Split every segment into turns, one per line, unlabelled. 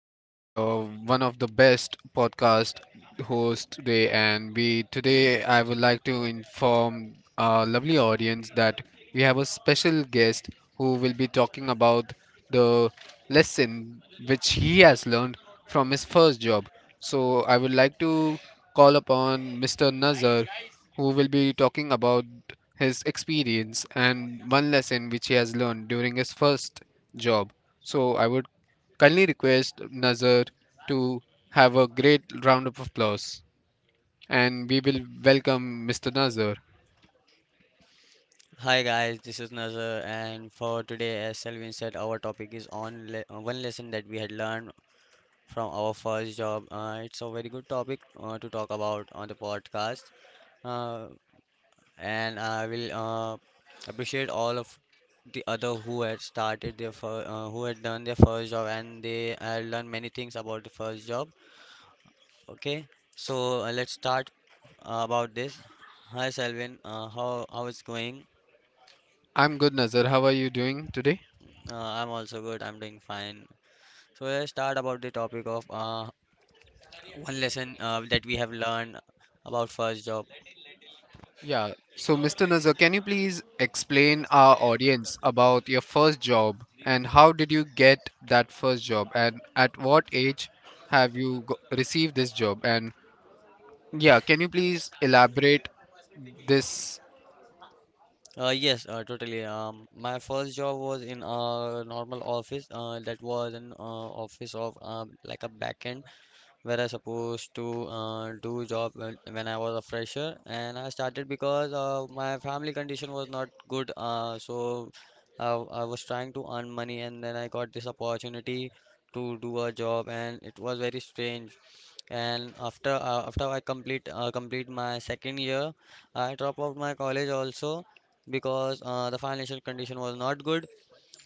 again, your one of the best podcast host today, and we today I would like to inform our lovely audience that we have a special guest who will be talking about the lesson which he has learned from his first job. So I would like to call upon Mr. Nazar, who will be talking about his experience and one lesson which he has learned during his first job. So I would kindly request Nazar to have a great round of applause and we will welcome Mr. Nazar.
Hi guys, this is Nazar, and for today, as Selvin said, our topic is on le one lesson that we had learned from our first job. It's a very good topic to talk about on the podcast, uh, and I will appreciate all of the other who had started their fir who had done their first job, and they learned many things about the first job. Okay, so let's start about this. Hi Selvin, how is going?
I'm good, Nazar. How are you doing today?
I'm also good. I'm doing fine. So let's start about the topic of one lesson that we have learned about first job.
Yeah. So, Mr. Nazar, can you please explain our audience about your first job and how did you get that first job and at what age received this job? And yeah, can you please elaborate this.
Yes, totally. My first job was in a normal office. That was an office of like a backend, where I supposed to do job when I was a fresher, and I started because my family condition was not good. So I, I was trying to earn money, and then I got this opportunity to do a job, and it was very strange. And after I complete my second year, I dropped out my college also because the financial condition was not good,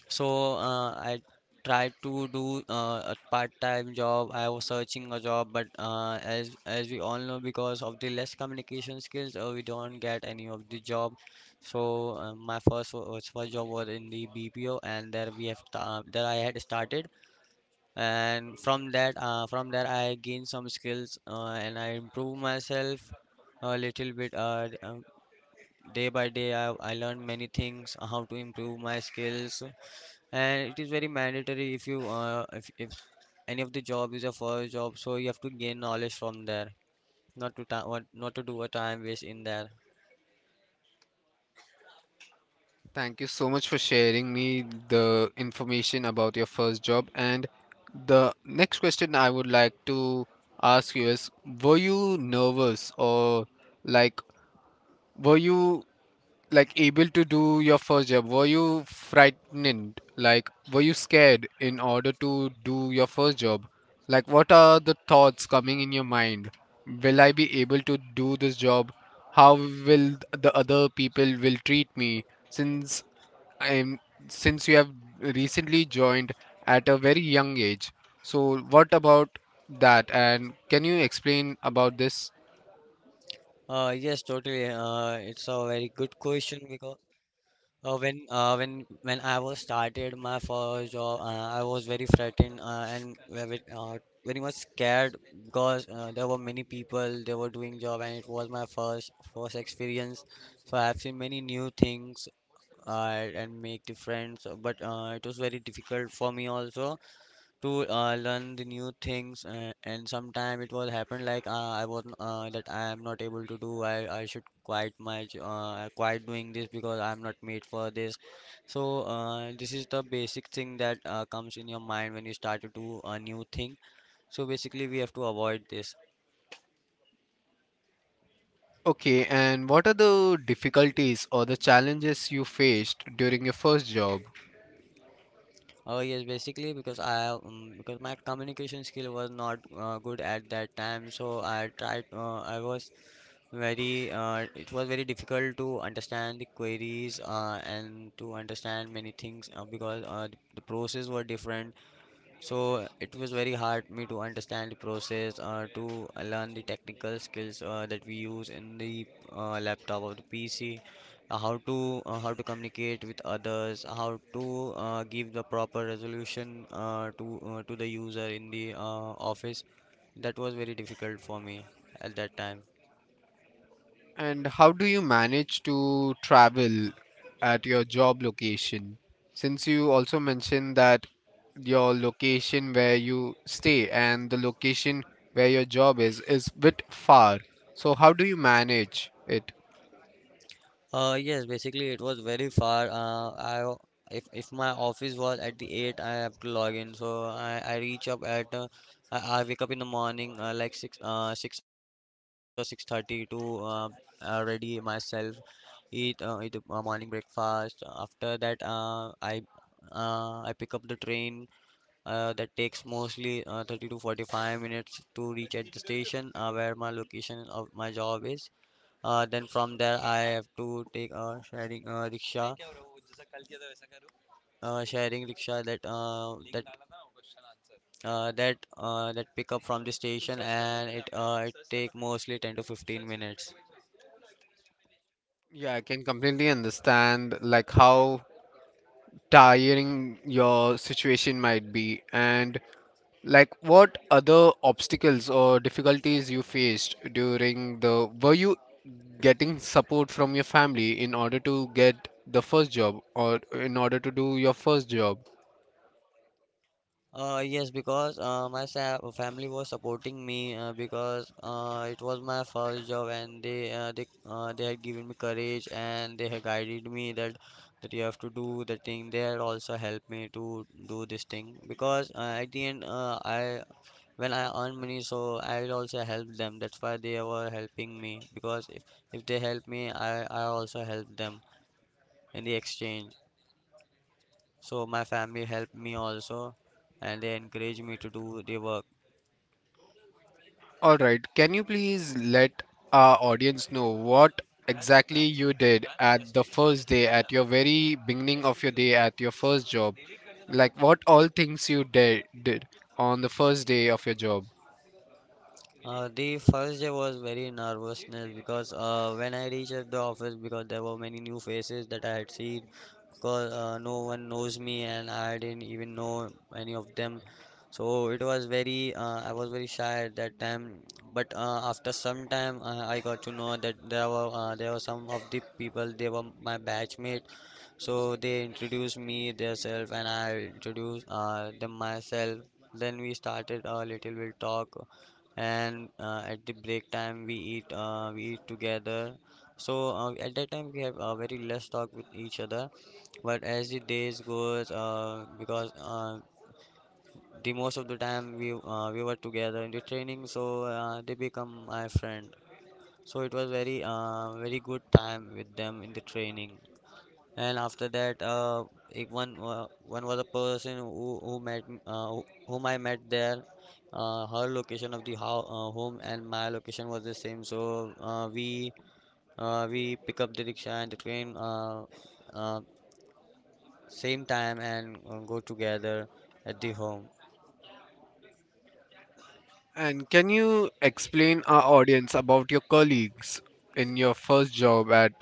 so I tried to do a part-time job. I was searching a job, but as we all know, because of the less communication skills, we don't get any of the job. So my first wo- was first job was in the BPO, and there we there I had started, and from there I gained some skills and I improved myself a little bit. Day by day, I learned many things, how to improve my skills, and it is very mandatory if you if any of the job is a first job, so you have to gain knowledge from there, not to do a time waste in there.
Thank you so much for sharing me the information about your first job. And the next question I would like to ask you is, were you nervous or like were you like able to do your first job? Were you frightened? Like were you scared in order to do your first job? Like what are the thoughts coming in your mind? Will I be able to do this job? How will the other people will treat me? since I'm since you have recently joined at a very young age. So what about that and can you explain about this?
Yes totally, it's a very good question because when I was started my first job, I was very frightened and very much scared because there were many people they were doing job and it was my first experience. So I have seen many new things uh, and make the friends, but it was very difficult for me also to learn the new things, and sometime it was happened like I was that I am not able to do, I should quite quit doing this because I'm not made for this. So this is the basic thing that comes in your mind when you start to do a new thing, so basically we have to avoid this.
Okay, and what are the difficulties or the challenges you faced during your first job?
Oh yes, basically because I because my communication skill was not good at that time, so I tried. I was very it was very difficult to understand the queries and to understand many things because the process were different, so it was very hard me to understand the process, to learn the technical skills that we use in the laptop of the pc, how to communicate with others, how to give the proper resolution, to the user in the office. That was very difficult for me at that time.
And how do you manage to travel at your job location? Since you also mentioned that your location where you stay and the location where your job is bit far. So how do you manage it?
Yes, basically it was very far. If my office was at the eight, I have to log in. So I reach up at I wake up in the morning like 6 or 6:30 to ready myself, eat morning breakfast. After that, I pick up the train. That takes mostly 30 to 45 minutes to reach at the station where my location of my job is. Then from there, I have to take a sharing rickshaw, sharing rickshaw that pick up from the station, and it take mostly 10 to 15 minutes.
Yeah, I can completely understand like how tiring your situation might be. And like, what other obstacles or difficulties you faced during the, were you getting support from your family in order to get the first job or in order to do your first job?
Yes, because family was supporting me because it was my first job, and they had given me courage and they had guided me that you have to do the thing. They had also helped me to do this thing because at the end, I, when I earn money, so I will also help them. That's why they were helping me, because if they help me, I also help them in the exchange. So my family helped me also, and they encouraged me to do the work.
All right, can you please let our audience know what exactly you did at the first day, at your very beginning of your day, at your first job? Like, what all things you did on the first day of your job?
The first day was very nervousness because when I reached at the office, because there were many new faces that I had seen, because no one knows me and I didn't even know any of them. So it was I was very shy at that time. But after some time, I got to know that there were some of the people. They were my batchmate, so they introduced me themselves and I introduced them myself. Then we started a little bit talk, and at the break time we eat together. So at that time we have very less talk with each other, but as the days goes because the most of the time we were together in the training, so they become my friend. So it was very good time with them in the training. And after that if one one was a person whom I met there. Her location of the home and my location was the same, so we pick up the rickshaw and the train, uh, same time, and go together at the home.
And can you explain our audience about your colleagues in your first job at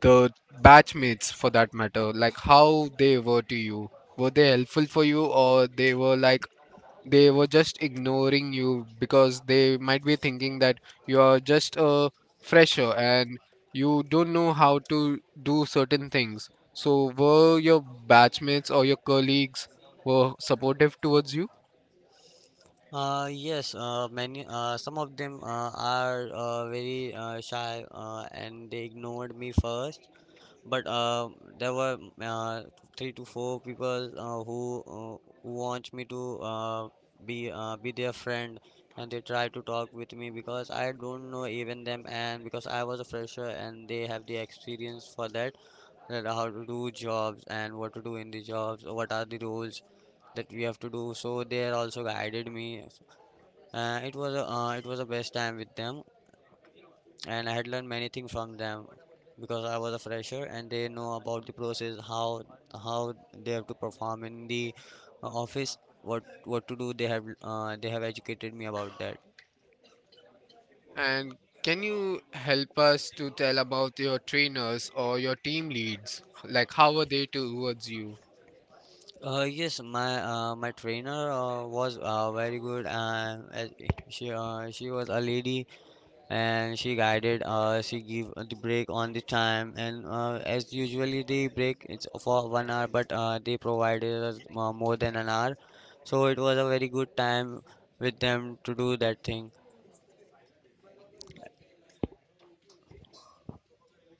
the batchmates for that matter, like how they were to you? Were they helpful for you or they were like they were just ignoring you because they might be thinking that you are just a fresher and you don't know how to do certain things. So were your batchmates or your colleagues were supportive towards you?
Yes, many, some of them are very shy, and they ignored me first, but there were three to four people who want me to be their friend, and they try to talk with me because I don't know even them, and because I was a fresher and they have the experience for that, that how to do jobs and what to do in the jobs or what are the roles that we have to do, so they also guided me. It was a best time with them, and I had learned many things from them because I was a fresher and they know about the process, how they have to perform in the office, what to do, they have educated me about that.
And can you help us to tell about your trainers or your team leads? Like, how are they towards you?
My trainer was very good, she was a lady, and she guided us, she gave the break on the time, and as usually the break it's for 1 hour, but they provided us more than an hour. So it was a very good time with them to do that thing.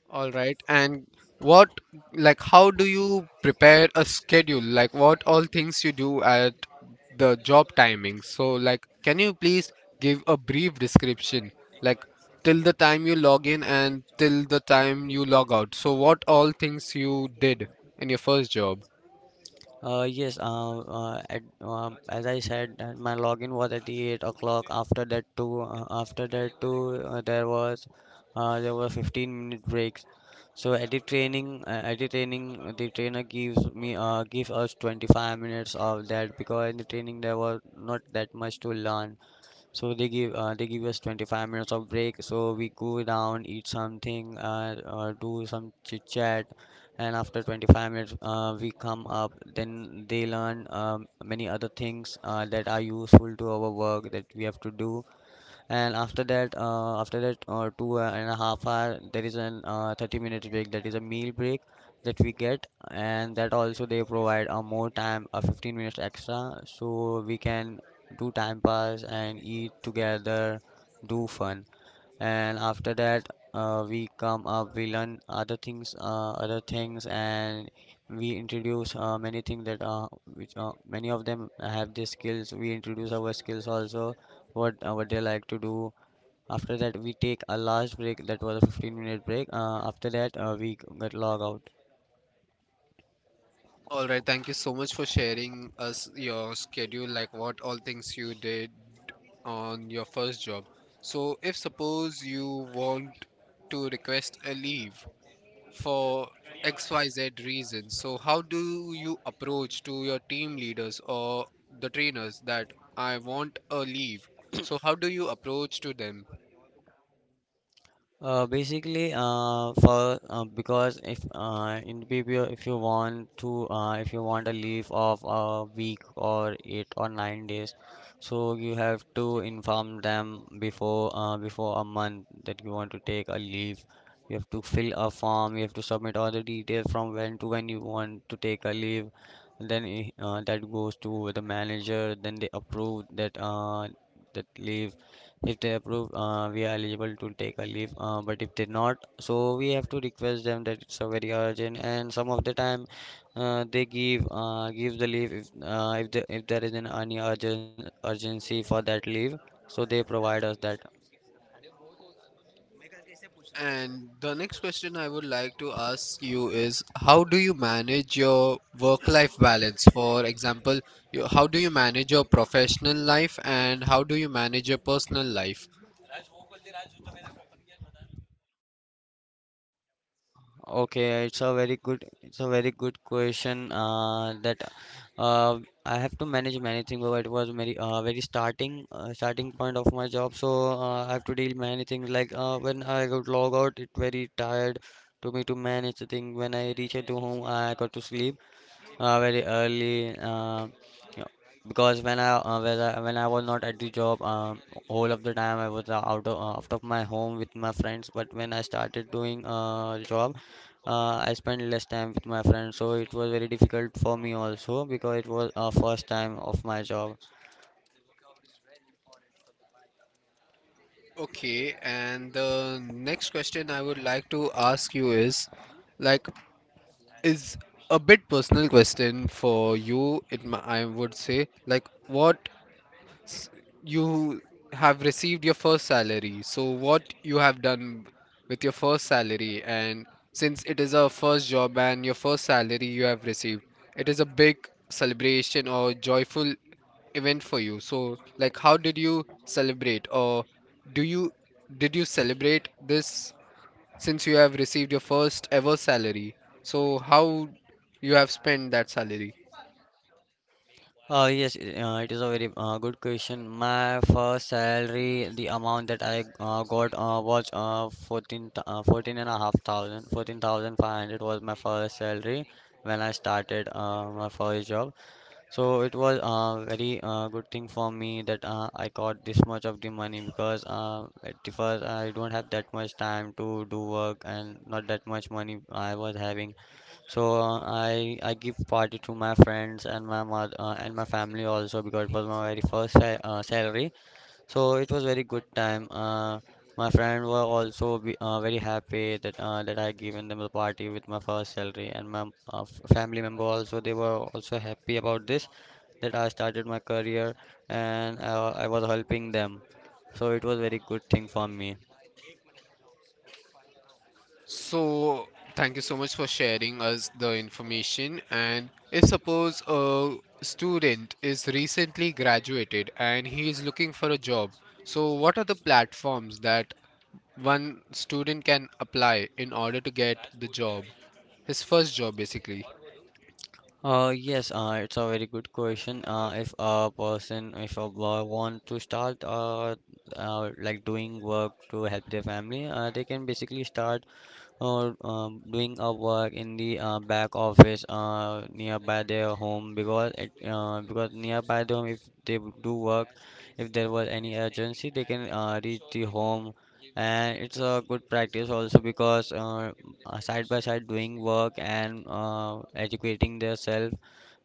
All right. And what, like, how do you prepare a schedule? Like, what all things you do at the job timing? So, like, can you please give a brief description? Like, till the time you log in and till the time you log out. So, what all things you did in your first job?
As I said, that my login was at the 8 o'clock. After that too, there were 15 minute breaks. So at the training, the trainer gives me give us 25 minutes of that, because in the training there was not that much to learn. So they give us 25 minutes of break. So we go down, eat something, do some chit chat, and after 25 minutes we come up. Then they learn many other things that are useful to our work that we have to do. And after that two and a half hour there is an 30 minutes break that is a meal break that we get, and that also they provide a more time, a 15 minutes extra so we can do time pass and eat together, do fun. And after that we come up, we learn other things and we introduce many things that which many of them have their skills. We introduce our skills also, what they like to do. After that we take a large break that was a 15-minute break. After that We get log out.
All right, thank you so much for sharing us your schedule, like what all things you did on your first job. So, if suppose you want to request a leave for XYZ reason, so how do you approach to your team leaders or the trainers that I want a leave? So, how do you approach to them?
Basically, for Because if in PPO, if you want if you want a leave of a week or 8 or 9 days, so you have to inform them before before a month that you want to take a leave. You have to fill a form. You have to submit all the details from when to when you want to take a leave. Then that goes to the manager. Then they approve that that leave. If they approve, we are eligible to take a leave, but if they not, so we have to request them that it's a very urgent. And some of the time they give give the leave if there is an any urgent urgency for that leave, so they provide us that.
And the next question I would like to ask you is how do you manage your work life balance? For example, you, how do you manage your professional life and how do you manage your personal life?
Okay, it's a very good question. That uh, I have to manage many things. But it was starting point of my job. So I have to deal many things. Like when I got log out, it very tired to me to manage the thing. When I reach at home, I got to sleep very early. You know, because when I when I was not at the job, whole of the time I was out of my home with my friends. But when I started doing job, I spent less time with my friends, so it was very difficult for me also because it was first time of my job.
Okay, and the next question I would like to ask you is like is a bit personal question for you, it I would say, like what you have received your first salary, so what you have done with your first salary, and since it is a first job and your first salary you have received, it is a big celebration or joyful event for you, so like how did you celebrate, or do you, did you celebrate this, since you have received your first ever salary, so how you have spent that salary?
It is a very good question. My first salary, the amount that I got was 14 and a half thousand, 14,500 was my first salary when I started my first job. So it was a very good thing for me that I got this much of the money, because at the first I don't have that much time to do work and not that much money I was having. So I give party to my friends and my mother and my family also, because it was my very first salary. So it was very good time. My friend were also very happy that that I given them the party with my first salary, and my family member also, they were also happy about this, that I started my career and I was helping them. So it was very good thing for me.
So, thank you so much for sharing us the information. And if suppose a student is recently graduated and he is looking for a job, so what are the platforms that one student can apply in order to get the job, his first job basically?
Yes, it's a very good question. If a person, if a boy want to start like doing work to help their family, they can basically start, or doing a work in the back office nearby their home. Because it because nearby the home, if they do work, if there was any urgency, they can reach the home. And it's a good practice also, because side by side doing work and educating themselves,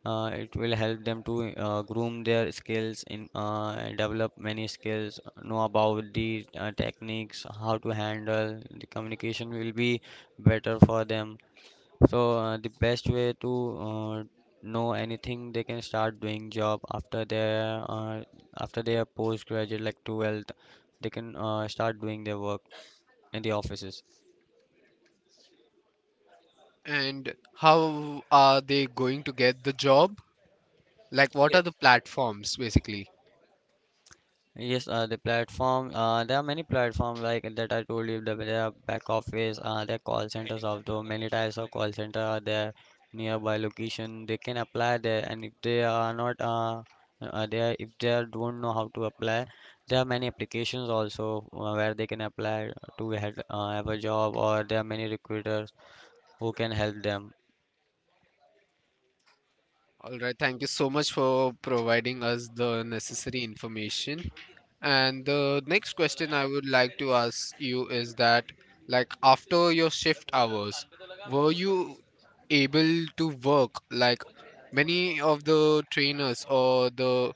it will help them to groom their skills in and develop many skills, know about the techniques how to handle the communication, will be better for them. So the best way to know anything, they can start doing job after their postgraduate, like 12th, they can start doing their work in the offices.
And how are they going to get the job? Like, what are the platforms basically?
Yes, the platform. There are many platforms like that I told you. There are back office. There are call centers. Although many types of call center are there nearby location, they can apply there. And if they are not, they if they are, don't know how to apply, there are many applications also where they can apply to have a job. Or there are many recruiters who can help them.
All right, thank you so much for providing us the necessary information. And the next question I would like to ask you is that, like, after your shift hours, were you able to work? Like, many of the trainers or the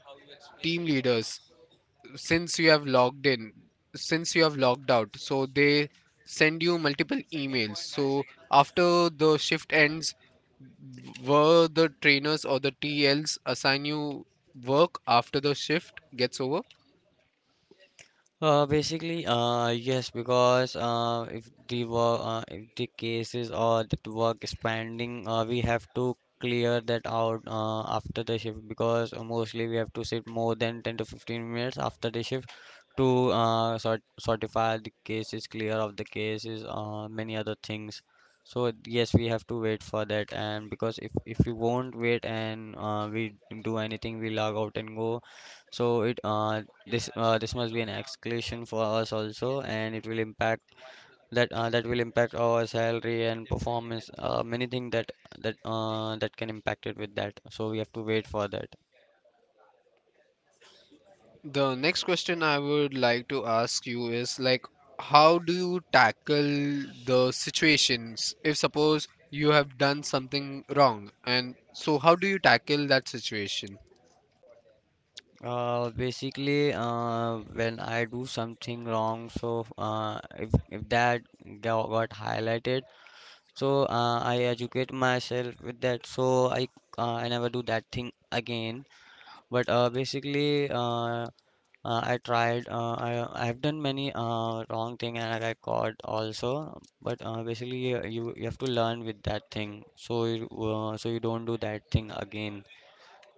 team leaders, since you have logged in, since you have logged out, so they send you multiple emails. So after the shift ends, were the trainers or the TLs assign you work after the shift gets over?
Yes, because if the cases or that work is pending, we have to clear that out after the shift, because mostly we have to sit more than 10 to 15 minutes after the shift to sort certify the cases, clear of the cases, many other things. So yes, we have to wait for that. And because if we won't wait and we do anything, we log out and go. So it this This must be an exclusion for us also, and it will impact that, that will impact our salary and performance. Many things that that can impact it with that. So we have to wait for that.
The next question I would like to ask you is like, how do you tackle the situations if suppose you have done something wrong? And so, how do you tackle that situation?
When I do something wrong, so if that got highlighted, so I educate myself with that. So I never do that thing again. But I tried. I've done many wrong thing and I got caught also. But basically, you you have to learn with that thing, so you don't do that thing again.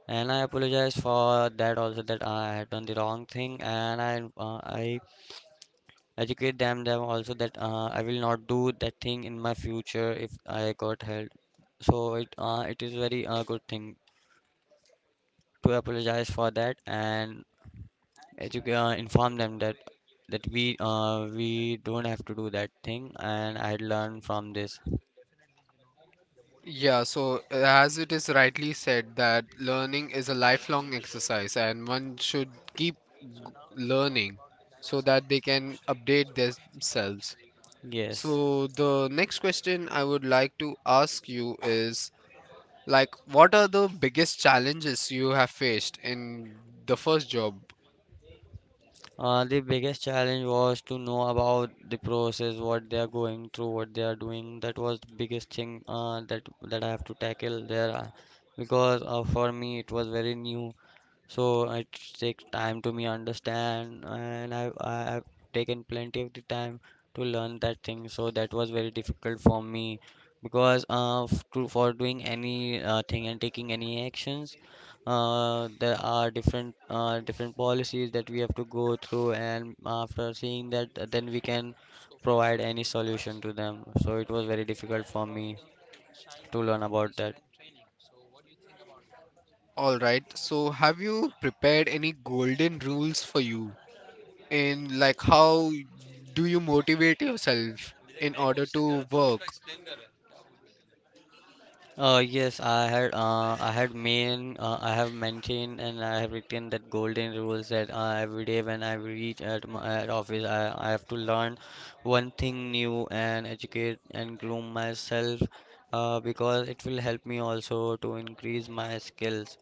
And I apologize for that also, that I had done the wrong thing. And I educate them also that I will not do that thing in my future if I got held. So it is very good thing to apologize for that, and educate, inform them that we don't have to do that thing, and I learned from this.
Yeah, so as it is rightly said that learning is a lifelong exercise and one should keep g- learning so that they can update themselves.
Yes.
So the next question I would like to ask you is like what are the biggest challenges you have faced in the first job?
The biggest challenge was to know about the process, what they are going through, what they are doing. That was the biggest thing that I have to tackle there, because for me it was very new. So it takes time to me understand, and I've taken plenty of the time to learn that thing. So that was very difficult for me, because f- to for doing any thing and taking any actions, there are different policies that we have to go through, and after seeing that, then we can provide any solution to them. So it was very difficult for me to learn about that.
All right. So have you prepared any golden rules for you in, like how do you motivate yourself in order to work?
Yes, I had main I have maintained and I have written that golden rules that every day when I reach at my at office, I have to learn one thing new and educate and groom myself, because it will help me also to increase my skills.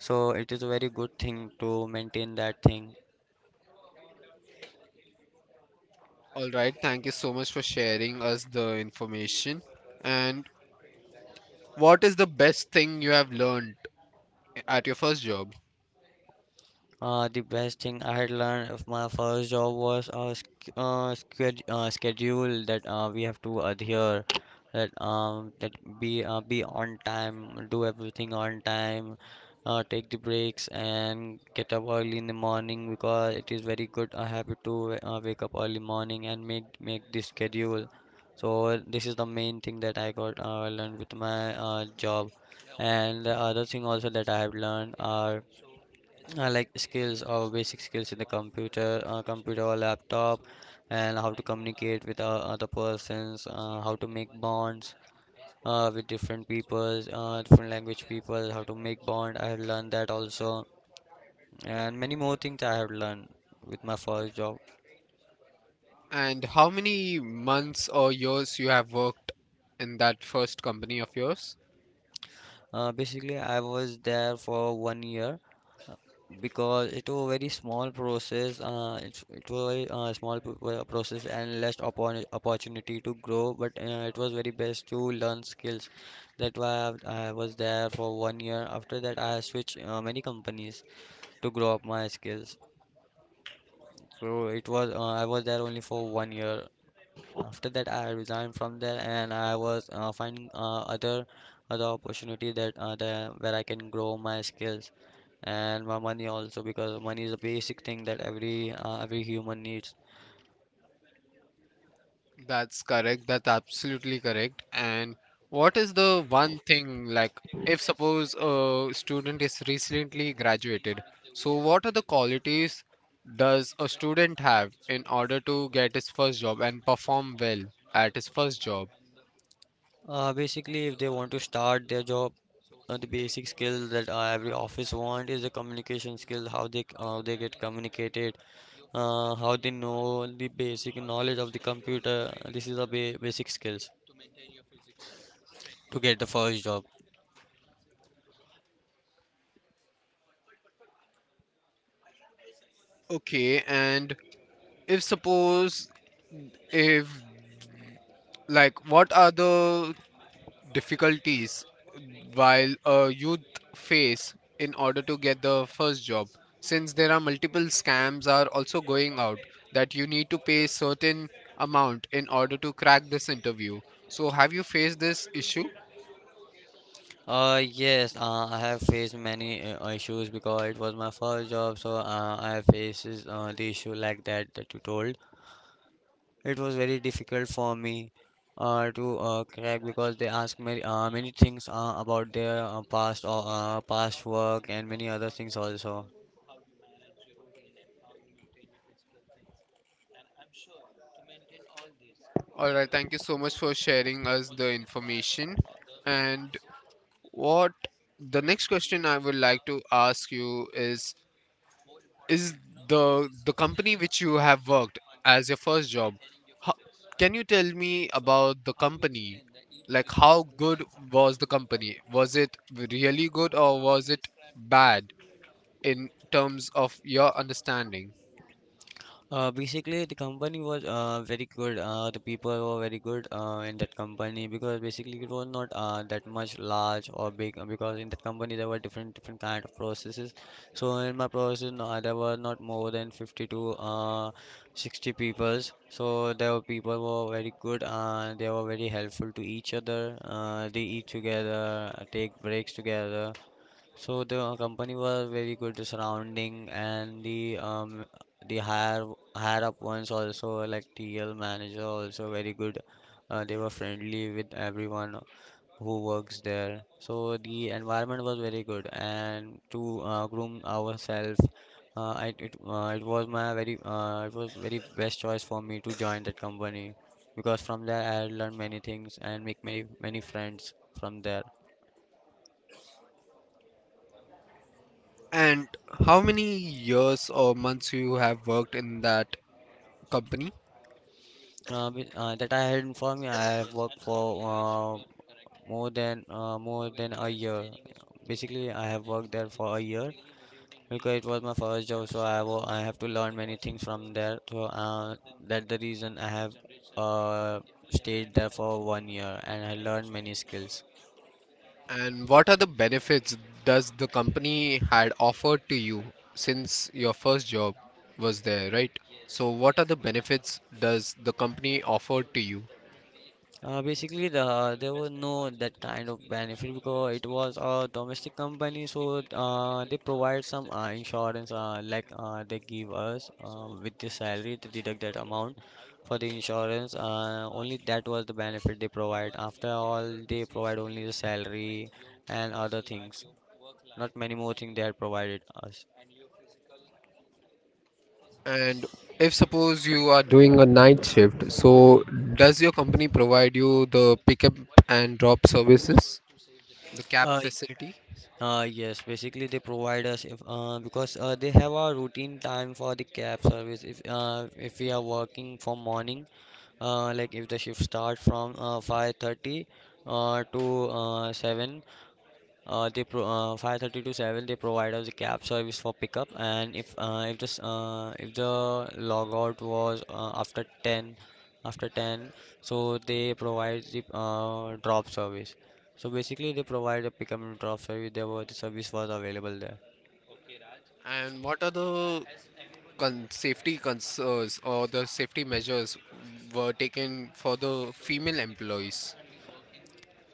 So it is a very good thing to maintain that thing.
All right. Thank you so much for sharing us the information. And what is the best thing you have learned at your first job?
The best thing I had learned of my first job was schedule that we have to adhere, that that be on time, do everything on time, take the breaks and get up early in the morning, because it is very good a habit to wake up early morning and make the schedule. So this is the main thing that I got learned with my job. And the other thing also that I have learned are like skills or basic skills in the computer or laptop, and how to communicate with other persons, how to make bonds with different peoples, different language people, how to make bond, I have learned that also, and many more things I have learned with my first job.
And how many months or years you have worked in that first company of yours?
Basically I was there for 1 year, because it was very small process. It was a small process and less opportunity to grow. But it was very best to learn skills, that why I was there for 1 year. After that I switched many companies to grow up my skills. So it was I was there only for 1 year. After that I resigned from there, and I was finding other opportunity that where I can grow my skills and my money also, because money is a basic thing that every human needs.
That's correct. That's absolutely correct. And what is the one thing, like, if suppose a student is recently graduated, so what are the qualities does a student have in order to get his first job and perform well at his first job?
Basically If they want to start their job, the basic skill that every office want is the communication skill, how they get communicated, how they know the basic knowledge of the computer. This is the basic skills to get the first job.
Okay, and if suppose if like what are the difficulties while youth face in order to get the first job, since there are multiple scams are also going out that you need to pay certain amount in order to crack this interview, so have you faced this issue?
Yes, I have faced many issues, because it was my first job. So I faces the issue like that that you told. It was very difficult for me to crack, because they ask me many things about their past work and many other things also.
All right, thank you so much for sharing us the information. And what, the next question I would like to ask you is the company which you have worked as your first job, how, can you tell me about the company, like how good was the company, was it really good or was it bad in terms of your understanding?
The company was very good. The people were very good in that company, because basically it was not that much large or big. Because in that company there were different kind of processes. So in my process, no, there were not more than 50 to 60 peoples. So there were people were very good and they were very helpful to each other. They eat together, take breaks together, so the company was very good surrounding and the higher up ones also like TL manager also very good. They were friendly with everyone who works there. So the environment was very good and to groom ourselves, I, it it was my very it was very best choice for me to join that company because from there I learned many things and make many friends from there.
And how many years or months you have worked in that company?
That I had informed you, I have worked for more than a year. Basically, I have worked there for a year because it was my first job, so I have to learn many things from there. So that's the reason I have uh, stayed there for 1 year and I learned many skills.
And what are the benefits does the company had offered to you, since your first job was there, right? So what are the benefits does the company offered to you?
Basically, there was no that kind of benefit because it was a domestic company, so they provide some insurance, they give us with the salary to deduct that amount for the insurance. Only that was the benefit they provide. After all, they provide only the salary and other things, not many more things they had provided us.
And if suppose you are doing a night shift, so does your company provide you the pickup and drop services, the cab
Uh,
facility?
Yes, basically they provide us if because they have a routine time for the cab service. If we are working from morning, like if the shift starts from 5:30 to 7, they pro 532/7 they provide us a cab service for pickup. And if this if the logout was after 10, after 10, so they provide the drop service. So basically they provide a pickup and drop service. There was the service was available there.
And what are the safety concerns or the safety measures were taken for the female employees?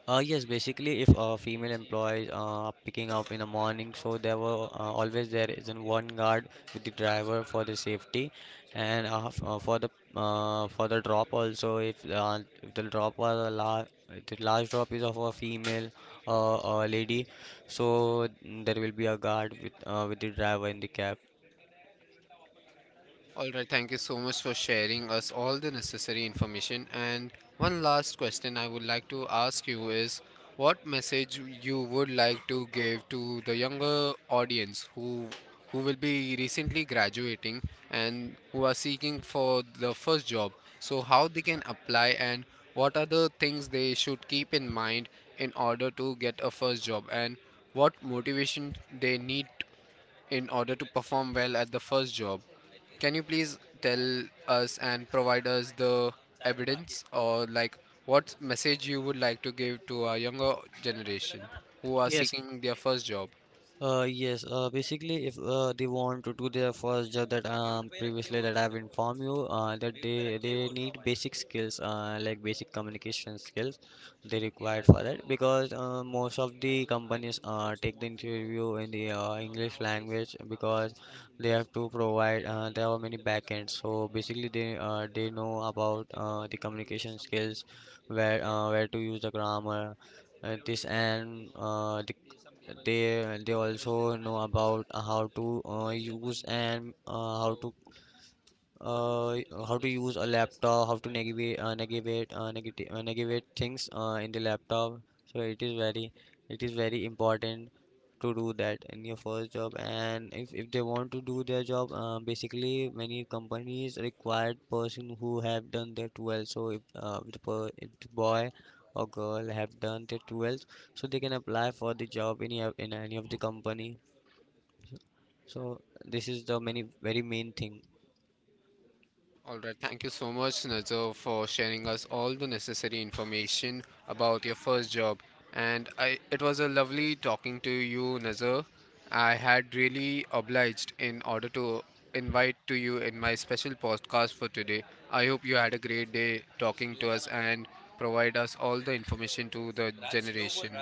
Yes, basically, if female employees are picking up in the morning, so there were always there is an one guard with the driver for the safety, and for the drop also. If the drop was a large, the last drop is of a female, a lady, so there will be a guard with the driver in the cab.
All right, thank you so much for sharing us all the necessary information. And one last question I would like to ask you is what message you would like to give to the younger audience who will be recently graduating and who are seeking for the first job. So how they can apply and what are the things they should keep in mind in order to get a first job and what motivation they need in order to perform well at the first job. Can you please tell us and provide us the evidence or like what message you would like to give to our younger generation who are
Yes,
seeking their first job?
Yes, basically, if they want to do their first job, that previously that I've informed you, that they need basic skills, like basic communication skills, they required for that because most of the companies take the interview in the English language because they have to provide there are many backends. So basically, they know about the communication skills, where to use the grammar, this and the they also know about how to use and uh, how to use a laptop, how to navigate, navigate things in the laptop. So it is very important to do that in your first job. And if they want to do their job, basically many companies require person who have done their 12. So if the boy or girl have done their 12, so they can apply for the job in any of the company. So this is the many very main thing.
All right, thank you so much, Nazar, for sharing us all the necessary information about your first job. And I, it was a lovely talking to you, Nazar. I had really obliged in order to invite to you in my special podcast for today. I hope you had a great day talking to us and provide us all the information to the generation.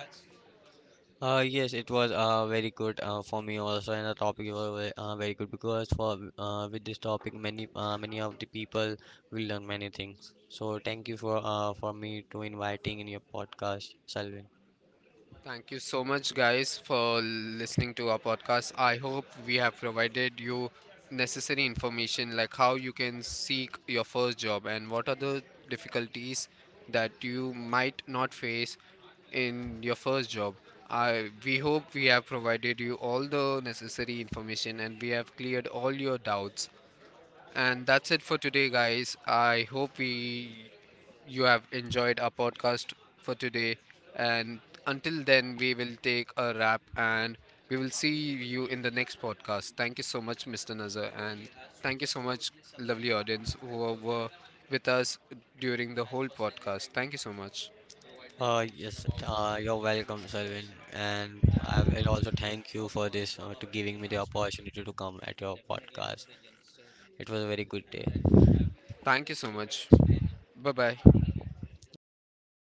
Yes, it was very good for me also, and the topic was ve- very good because for with this topic many of the people will learn many things. So thank you for me to inviting in your podcast, Salvin.
Thank you so much, guys, for listening to our podcast. I hope we have provided you necessary information like how you can seek your first job and what are the difficulties that you might not face in your first job. I We hope we have provided you all the necessary information and we have cleared all your doubts. And that's it for today, guys. I hope we you have enjoyed our podcast for today. And until then, we will take a wrap and we will see you in the next podcast. Thank you so much, Mr. Nazar, and thank you so much, lovely audience who were with us during the whole podcast. Thank you so much.
Yes, you're welcome, Salvin, and I will also thank you for this, to giving me the opportunity to come at your podcast. It was a very good day.
Thank you so much. Bye bye.
Okay, bye.